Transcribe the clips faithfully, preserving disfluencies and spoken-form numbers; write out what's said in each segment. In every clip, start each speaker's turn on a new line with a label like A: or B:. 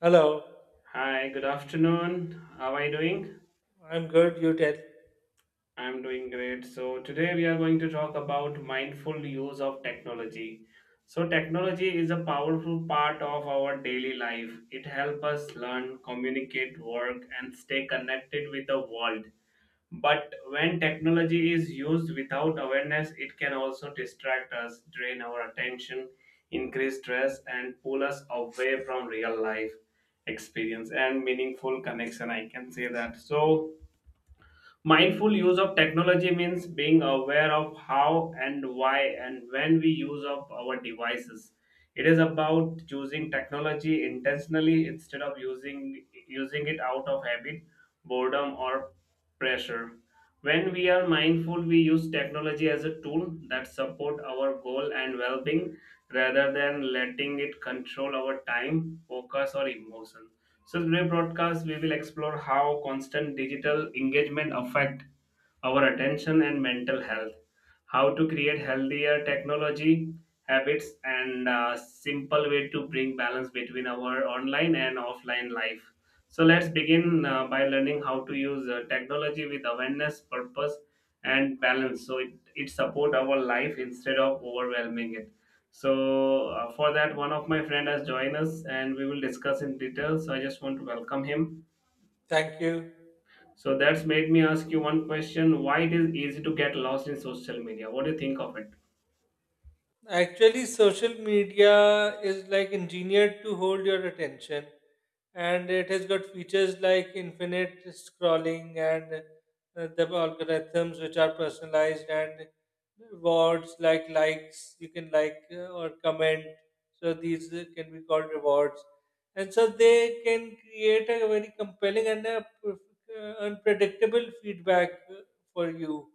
A: Hello,
B: Hi, good afternoon. How are you doing?
A: I'm good. You tell.
B: I'm doing great. So, today we are going to talk about mindful use of technology. So, technology is a powerful part of our daily life. It helps us learn, communicate, work, and stay connected with the world. But when technology is used without awareness, it can also distract us, drain our attention, increase stress, and pull us away from real life experience and meaningful connection. I can say that. So, mindful use of technology means being aware of how and why and when we use up our devices. It is about choosing technology intentionally instead of using using it out of habit, boredom or pressure. When we are mindful, we use technology as a tool that support our goal and well-being rather than letting it control our time, focus or emotions. So today broadcast we will explore how constant digital engagement affect our attention and mental health, how to create healthier technology habits and a simple way to bring balance between our online and offline life. So let's begin uh, by learning how to use uh, technology with awareness, purpose and balance so it, it support our life instead of overwhelming it. So uh, for that, one of my friend has joined us, and we will discuss in detail. So I just want to welcome him.
A: Thank you.
B: So that's made me ask you one question: why it is easy to get lost in social media? What do you think of it?
A: Actually, social media is like engineered to hold your attention, and it has got features like infinite scrolling and uh, the algorithms which are personalized and rewards like likes. You can like uh, or comment, so these uh, can be called rewards, and so they can create a very compelling and a, perf- uh, unpredictable feedback uh, for you.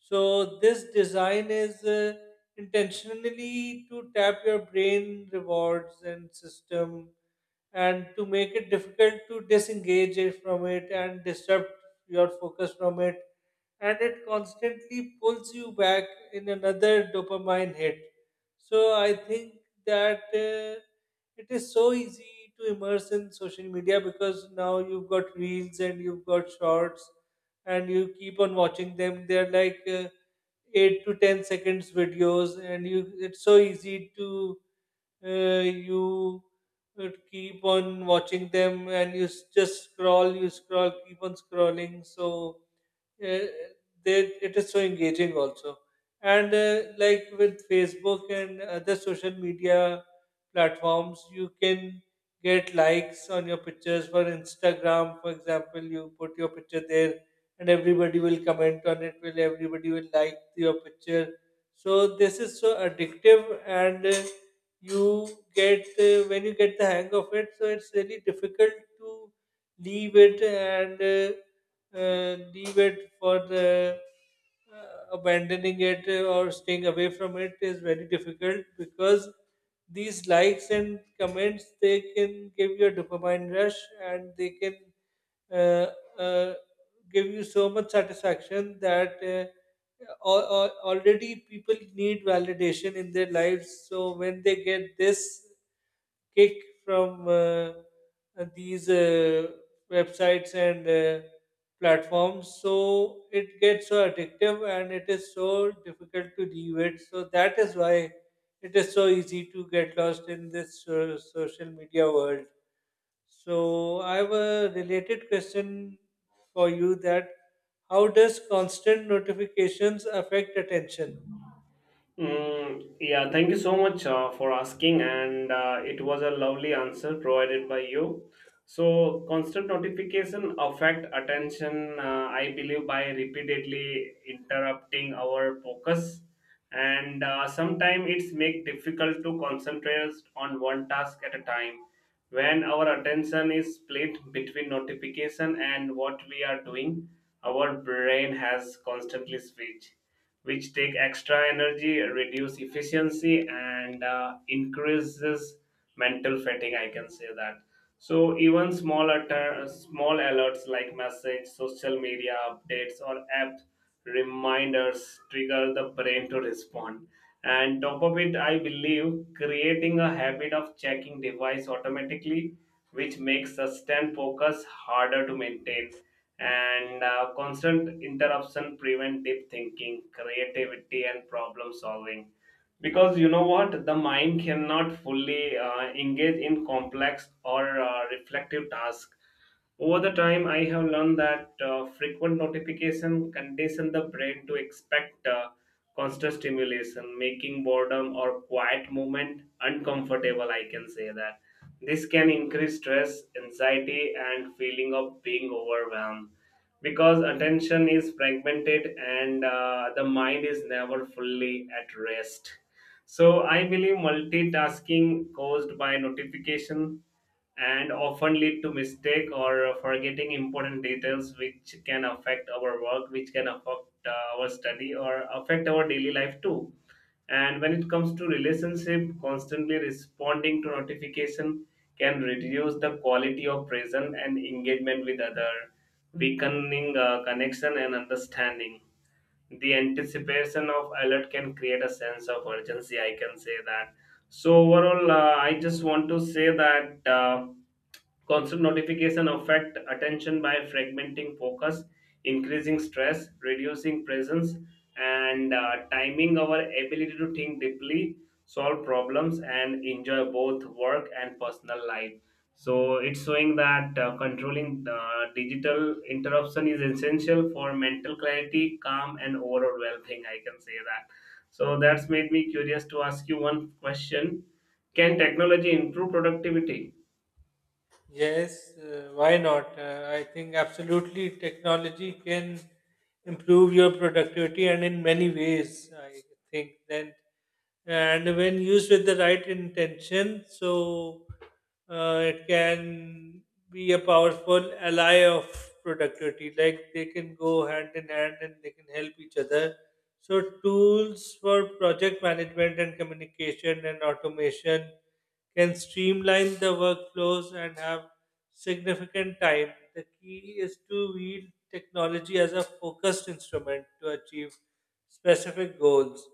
A: So this design is. Uh, intentionally to tap your brain rewards and system, and to make it difficult to disengage it from it and disrupt your focus from it, and it constantly pulls you back in another dopamine hit. So I think that uh, it is so easy to immerse in social media because now you've got reels and you've got shorts, and you keep on watching them. They're like uh, eight to ten seconds videos, and you it's so easy to uh, you uh, keep on watching them, and you s- just scroll, you scroll, keep on scrolling. So uh, they it is so engaging also, and uh, like with Facebook and other social media platforms, you can get likes on your pictures. For Instagram, for example, you put your picture there and everybody will comment on it will everybody will like your picture. So this is so addictive, and uh, you get uh, when you get the hang of it, so it's really difficult to leave it, and uh, uh, leave it for the uh, abandoning it or staying away from it is very difficult, because these likes and comments, they can give you a dopamine rush, and they can uh, uh, give you so much satisfaction that uh, al- al- already people need validation in their lives. So when they get this kick from uh, uh, these uh, websites and uh, platforms. So it gets so addictive, and it is so difficult to leave it. So that is why it is so easy to get lost in this uh, social media world. So I have a related question for you: that how does constant notifications affect attention?
B: Mm, yeah, thank you so much uh, for asking, and uh, it was a lovely answer provided by you. So, constant notification affect attention. Uh, I believe by repeatedly interrupting our focus, and uh, sometimes it's make difficult to concentrate on one task at a time. When our attention is split between notification and what we are doing, our brain has constantly switch which take extra energy, reduce efficiency, and uh, increases mental fatigue. I can say that. So even small alert, small alerts like message, social media updates, or app reminders trigger the brain to respond. And top of it, I believe creating a habit of checking device automatically, which makes sustained focus harder to maintain and uh, constant interruption prevent deep thinking creativity and problem solving because you know what the mind cannot fully uh, engage in complex or uh, reflective tasks over the time, I have learned that uh, frequent notification condition the brain to expect uh, constant stimulation, making boredom or quiet movement uncomfortable. I can say that this can increase stress, anxiety, and feeling of being overwhelmed because attention is fragmented and uh, the mind is never fully at rest. So I believe multitasking caused by notification and often lead to mistake or forgetting important details which can affect our work, which can affect uh, our study or affect our daily life too, and when it comes to relationship constantly responding to notification can reduce the quality of present and engagement with other, weakening uh, connection and understanding, the anticipation of alert can create a sense of urgency. I can say that. So overall uh, I just want to say that uh, constant notification affect attention by fragmenting focus, increasing stress, reducing presence, and uh, timing our ability to think deeply, solve problems, and enjoy both work and personal life. So it's showing that uh, controlling the digital interruption is essential for mental clarity, calm, and overall well-being. I can say that. So that's made me curious to ask you one question: can technology improve productivity?
A: Yes, uh, why not? Uh, I think absolutely technology can improve your productivity, and in many ways, I think then and when used with the right intention, so uh, it can be a powerful ally of productivity. Like, they can go hand in hand and they can help each other. So tools for project management and communication and automation can streamline the workflows and have significant time. The key is to wield technology as a focused instrument to achieve specific goals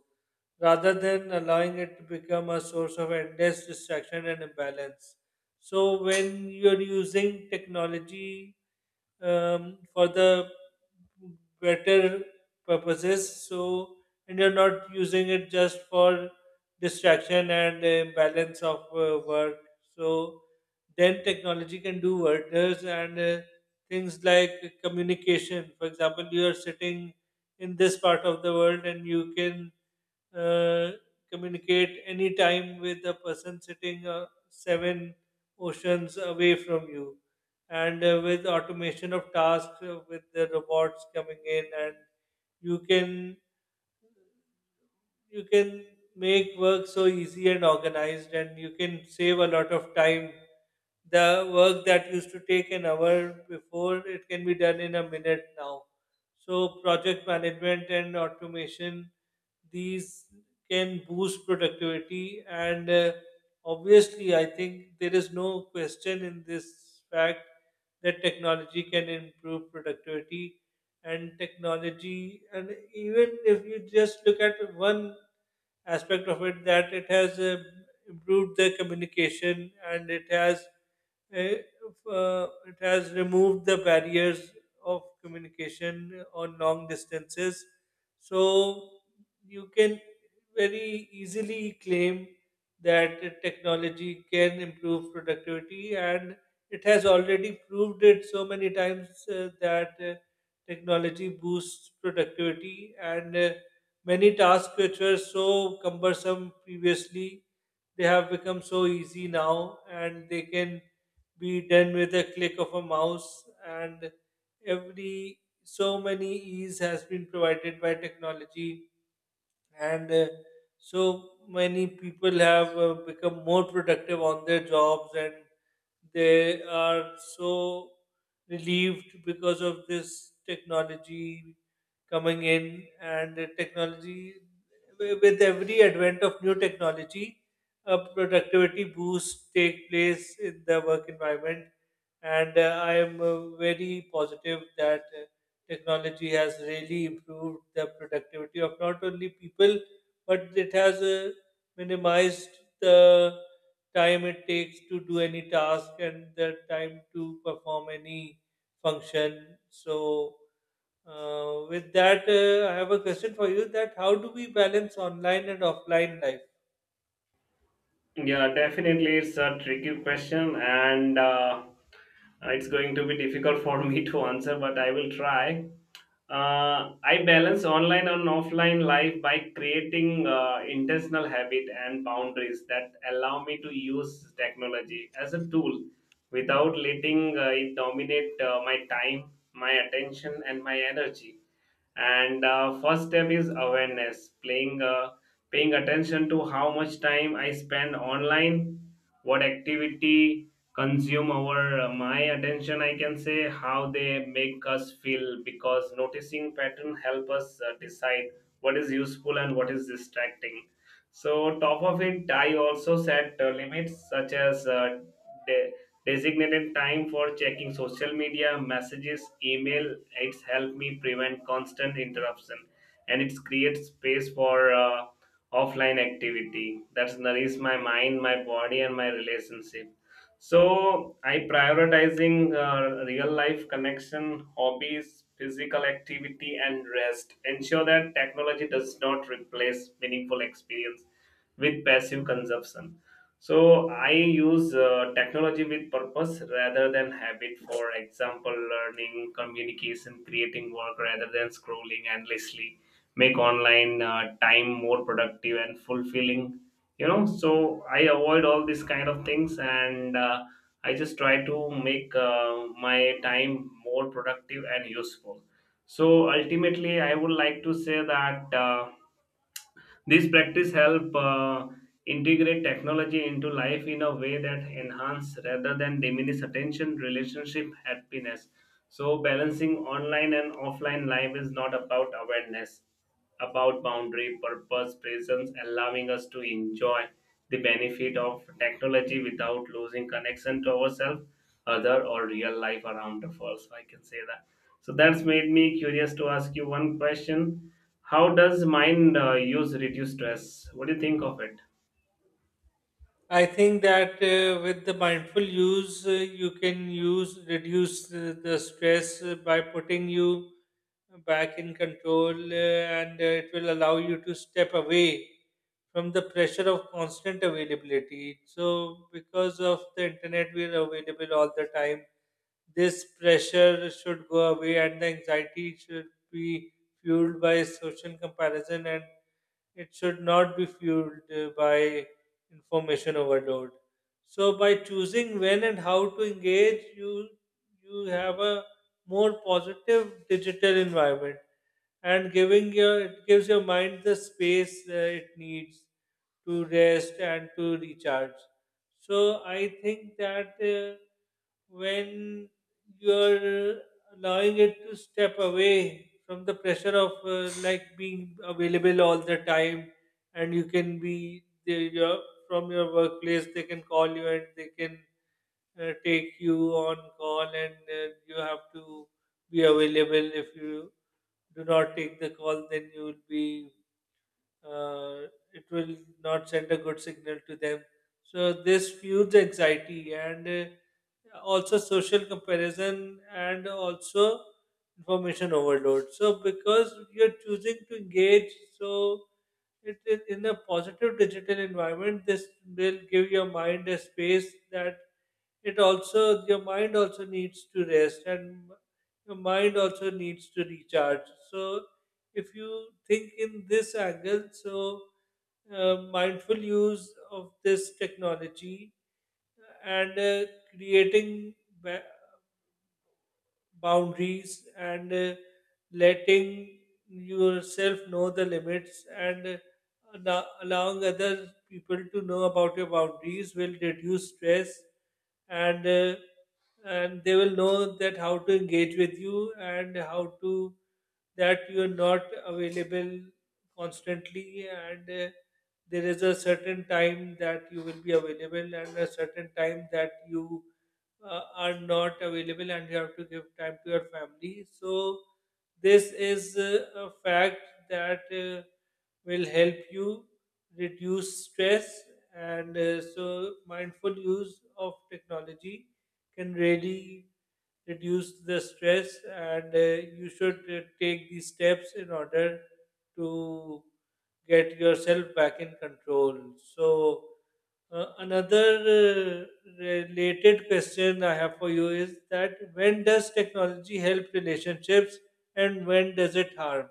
A: rather than allowing it to become a source of endless distraction and imbalance. So when you're using technology um, for the better purposes, so and you're not using it just for distraction and the imbalance of uh, work. So then technology can do wonders, and uh, things like communication. For example, you are sitting in this part of the world, and you can uh, communicate anytime with a person sitting uh, seven oceans away from you. And uh, with automation of tasks, uh, with the robots coming in, and you can you can make work so easy and organized, and you can save a lot of time. The work that used to take an hour before, it can be done in a minute now. So project management and automation, these can boost productivity, and uh, obviously I think there is no question in this fact that technology can improve productivity. And technology, and even if you just look at one aspect of it, that it has uh, improved the communication, and it has eh, uh, it has removed the barriers of communication on long distances. So you can very easily claim that technology can improve productivity, and it has already proved it so many times uh, that uh, technology boosts productivity. And uh, many tasks which were so cumbersome previously, they have become so easy now, and they can be done with a click of a mouse, and every so many ease has been provided by technology. And uh, so many people have uh, become more productive on their jobs, and they are so relieved because of this technology coming in. And the technology, wi- with every advent of new technology, a productivity boost take place in the work environment. And uh, i am uh, very positive that uh, technology has really improved the productivity of not only people, but it has uh, minimized the time it takes to do any task and the time to perform any function. So uh, with that, uh, I have a question for you: that how do we balance online and offline life?
B: Yeah, definitely, it's a tricky question, and uh, it's going to be difficult for me to answer, but I will try. Uh, I balance online and offline life by creating uh, intentional habit and boundaries that allow me to use technology as a tool without letting uh, it dominate uh, my time, my attention, and my energy, and uh, first step is awareness playing uh, paying attention to how much time I spend online, what activity consume our uh, my attention, I can say, how they make us feel, because noticing pattern help us uh, decide what is useful and what is distracting. So top of it I also set uh, limits such as uh, de- designated time for checking social media, messages, email. It's helped me prevent constant interruption and it creates space for uh, offline activity that's nourishes my mind, my body and my relationship. So I prioritizing uh, real life connection, hobbies, physical activity and rest ensure that technology does not replace meaningful experience with passive consumption. So I use uh, technology with purpose rather than habit. For example, learning, communication, creating work rather than scrolling endlessly. Make online uh, time more productive and fulfilling. You know, so I avoid all these kind of things, and uh, I just try to make uh, my time more productive and useful. So ultimately, I would like to say that. Uh, this practice help uh, integrate technology into life in a way that enhance rather than diminish attention, relationship, happiness. So balancing online and offline life is not about awareness, about boundary, purpose, presence, allowing us to enjoy the benefit of technology without losing connection to ourselves, other or real life around us. I can say that. So that's made me curious to ask you one question: how does mind uh, use reduce stress? What do you think of it?
A: I think that uh, with the mindful use, uh, you can use reduce uh, the stress uh, by putting you back in control, uh, and uh, it will allow you to step away from the pressure of constant availability. So, because of the internet, we are available all the time. This pressure should go away, and the anxiety should be fueled by social comparison, and it should not be fueled uh, by information overload. So by choosing when and how to engage, you you have a more positive digital environment, and giving your it gives your mind the space uh, it needs to rest and to recharge. So I think that uh, when you're allowing it to step away from the pressure of uh, like being available all the time, and you can be the, your from your workplace, they can call you and they can uh, take you on call, and uh, you have to be available. If you do not take the call, then you will be uh, it will not send a good signal to them. So this fuels anxiety, and uh, also social comparison, and also information overload. So because you're choosing to engage, so it is in a positive digital environment. This will give your mind a space that it also your mind also needs to rest, and your mind also needs to recharge. So if you think in this angle, so uh, mindful use of this technology, and uh, creating ba- boundaries, and uh, letting yourself know the limits, and uh, allo- allowing other people to know about your boundaries, will reduce stress. And uh, and they will know that how to engage with you, and how to that you are not available constantly. And uh, there is a certain time that you will be available, and a certain time that you uh, are not available, and you have to give time to your family. So this is uh, a fact that uh, will help you reduce stress. And uh, so, mindful use of technology can really reduce the stress, and uh, you should uh, take these steps in order to get yourself back in control. So uh, another uh, related question I have for you is that when does technology help relationships, and when does it harm?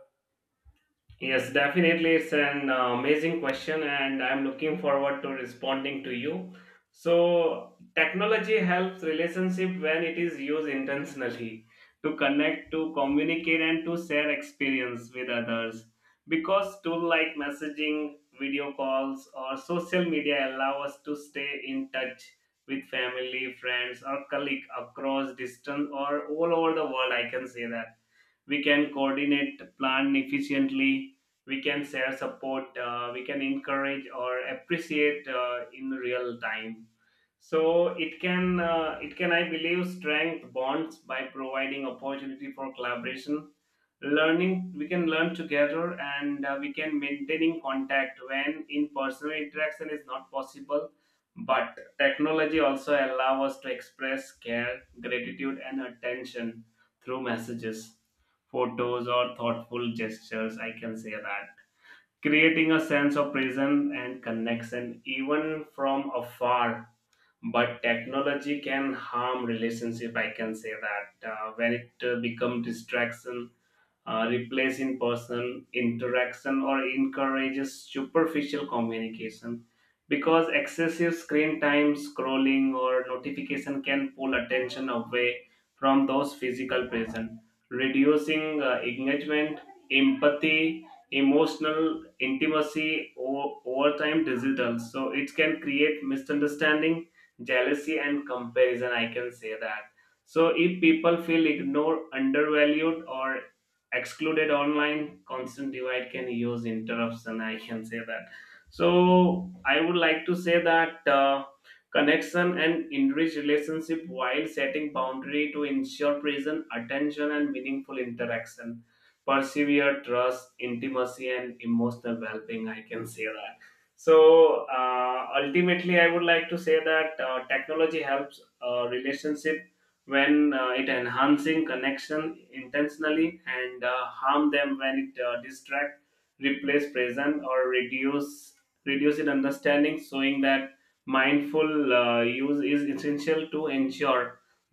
B: Yes, definitely. It's an uh, amazing question, and I'm looking forward to responding to you. So, technology helps relationship when it is used intentionally to connect, to communicate, and to share experience with others. Because tools like messaging, video calls, or social media allow us to stay in touch with family, friends, or colleagues across distance or all over the world. I can say that we can coordinate plan efficiently, we can share support, uh, we can encourage or appreciate uh, in real time. So it can uh, it can I believe strength bonds by providing opportunity for collaboration, learning, we can learn together, and uh, we can maintaining contact when in personal interaction is not possible. But technology also allow us to express care, gratitude and attention through messages, photos, or thoughtful gestures. I can say that. Creating a sense of presence and connection even from afar. But technology can harm relationship. I can say that uh, when it uh, become distraction, uh, replace in person interaction or encourages superficial communication, because excessive screen time, scrolling or notification can pull attention away from those physical present, reducing uh, engagement, empathy, emotional intimacy. O- over time digital, so it can create misunderstanding, jealousy and comparison. I can say that. So if people feel ignored, undervalued or excluded online, constant divide can use interruption. I can say that. So I would like to say that uh, connection and enrich relationship while setting boundary to ensure present attention and meaningful interaction persevere trust, intimacy and emotional well-being. I can say that. So uh, ultimately I would like to say that uh, technology helps uh, relationship when uh, it enhancing connection intentionally, and uh, harm them when it uh, distract, replace present or reduce reduce it understanding, showing that mindful uh, use is essential to ensure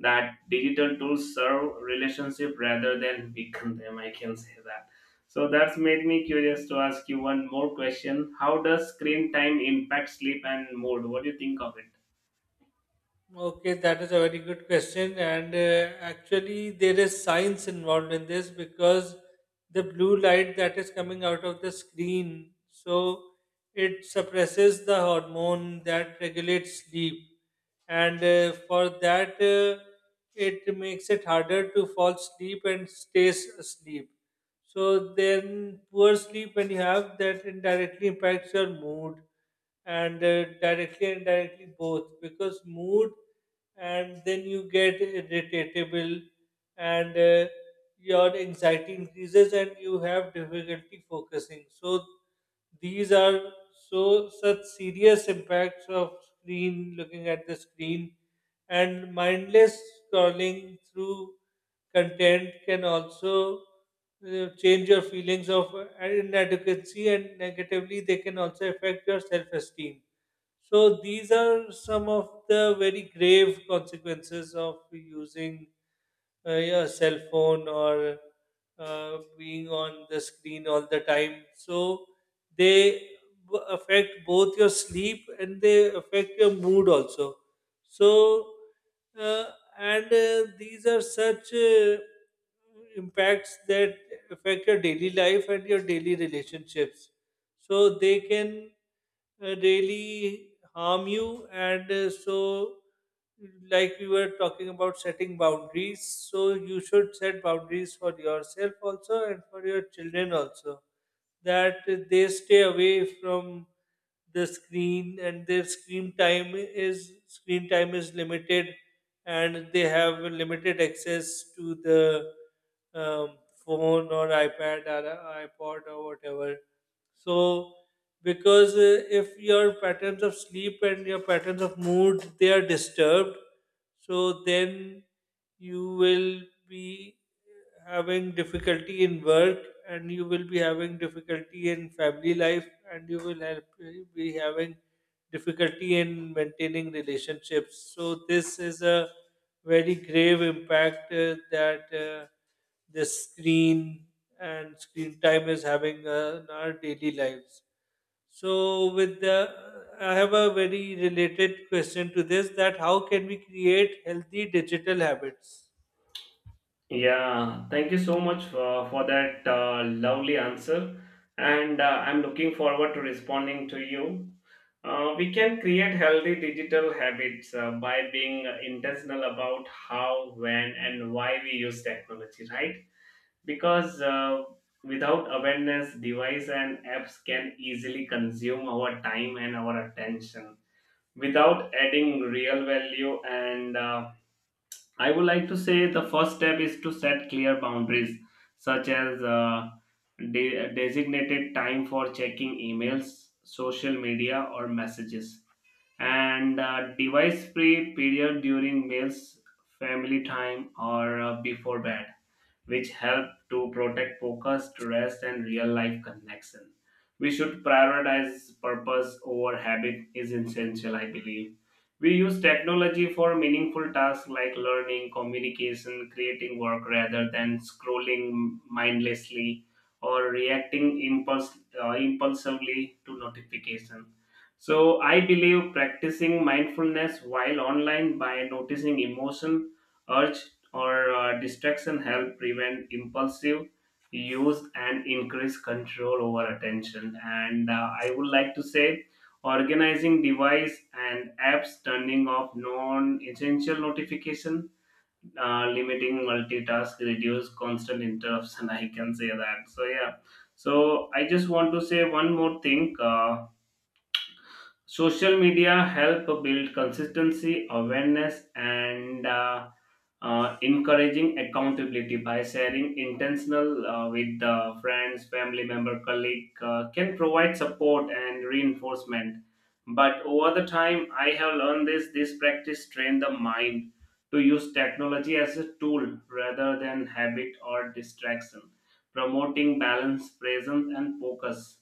B: that digital tools serve relationship rather than weaken them. I can say that. So that's made me curious to ask you one more question: how does screen time impact sleep and mood? What do you think of it?
A: Okay, that is a very good question. And uh, actually, there is science involved in this, because the blue light that is coming out of the screen, so it suppresses the hormone that regulates sleep. And uh, for that, uh, it makes it harder to fall asleep and stays asleep. So then, poor sleep, when you have that, indirectly impacts your mood, and uh, directly and indirectly both, because mood, and then you get irritatable, and uh, your anxiety increases, and you have difficulty focusing. So these are so such serious impacts of screen, looking at the screen, and mindless scrolling through content can also uh, change your feelings of uh, inadequacy, and negatively they can also affect your self-esteem. So these are some of the very grave consequences of using uh, your cell phone or uh, being on the screen all the time. So they b- affect both your sleep, and they affect your mood also. So uh, and uh, these are such uh, impacts that affect your daily life and your daily relationships. So they can uh, really harm you, and uh, so like we were talking about setting boundaries, so you should set boundaries for yourself also and for your children also, that they stay away from the screen, and their screen time is screen time is limited, and they have limited access to the um, phone or iPad or iPod or whatever. So because uh, if your patterns of sleep and your patterns of mood, they are disturbed, so then you will be having difficulty in work, and you will be having difficulty in family life, and you will help, be having difficulty in maintaining relationships. So this is a very grave impact uh, that uh, this screen and screen time is having uh, in our daily lives. So with the I have a very related question to this: that how can we create healthy digital habits?
B: Yeah, thank you so much for, for that uh, lovely answer. And uh, I'm looking forward to responding to you. Uh, we can create healthy digital habits uh, by being intentional about how, when, and why we use technology, right? Because uh, without awareness, device and apps can easily consume our time and our attention without adding real value, and uh, I would like to say the first step is to set clear boundaries, such as uh, de- designated time for checking emails, social media, or messages, and uh, device free period during meals, family time, or uh, before bed, which help to protect focus, rest, and real life connection. We should prioritize purpose over habit is essential, I believe. We use technology for meaningful tasks like learning, communication, creating work rather than scrolling mindlessly or reacting impulse, uh, impulsively to notification. So I believe practicing mindfulness while online by noticing emotion, urge, or uh, distraction help prevent impulsive use and increase control over attention, and uh, I would like to say organizing device and apps, turning off non-essential notification, uh, limiting multitask reduce constant interruption. I can say that. So yeah, so I just want to say one more thing. uh, Social media help build consistency, awareness, and uh, uh, encouraging accountability by sharing intentional uh, with uh, friends, family member, colleague uh, can provide support and reinforcement. But over the time, I have learned this. This practice train the mind to use technology as a tool rather than habit or distraction, promoting balance, presence, and focus.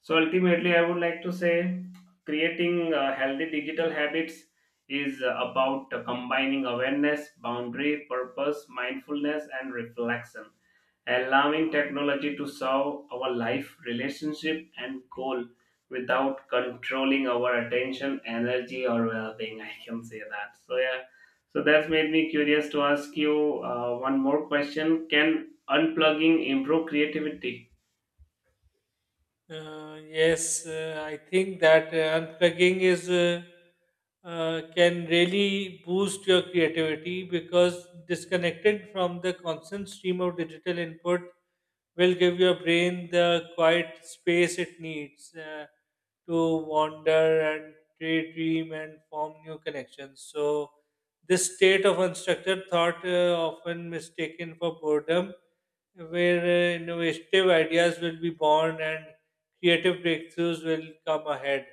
B: So ultimately, I would like to say creating uh, healthy digital habits is uh, about uh, combining awareness, boundary, purpose, mindfulness, and reflection, allowing technology to serve our life, relationship, and goal without controlling our attention, energy, or well being. I can say that. So, yeah, so that's made me curious to ask you uh, one more question: can unplugging improve creativity?
A: Uh, yes, uh, I think that uh, unplugging is uh, uh, can really boost your creativity, because disconnected from the constant stream of digital input will give your brain the quiet space it needs uh, to wander and daydream and form new connections. So this state of unstructured thought, uh, often mistaken for boredom, where uh, innovative ideas will be born and creative breakthroughs will come ahead.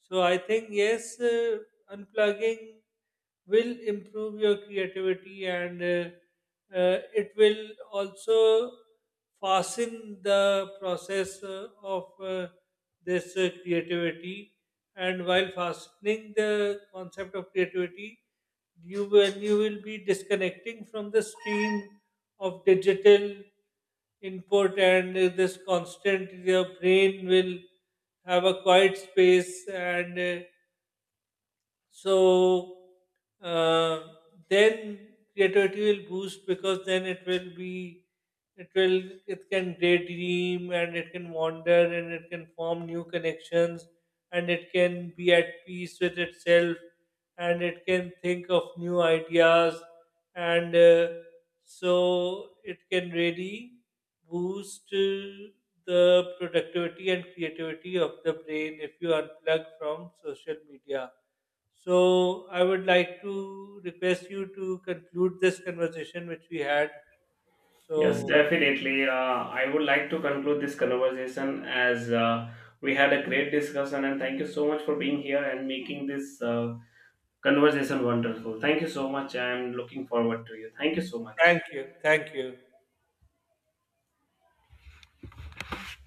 A: So I think yes, uh, unplugging will improve your creativity, and uh, uh, it will also fasten the process uh, of uh, this uh, creativity. And while fastening the concept of creativity, you will you will be disconnecting from the stream of digital input, and uh, this constant your brain will have a quiet space, and uh, so uh, then creativity will boost, because then it will be it will it can daydream, and it can wander, and it can form new connections, and it can be at peace with itself, and it can think of new ideas. And uh, so it can really boost uh, the productivity and creativity of the brain if you unplug from social media. So I would like to request you to conclude this conversation which we had.
B: Yes,
A: So
B: definitely. Uh, I would like to conclude this conversation as uh, we had a great discussion, and thank you so much for being here and making this uh, conversation wonderful. Thank you so much. I'm looking forward to you. Thank you so much.
A: thank you. Thank you.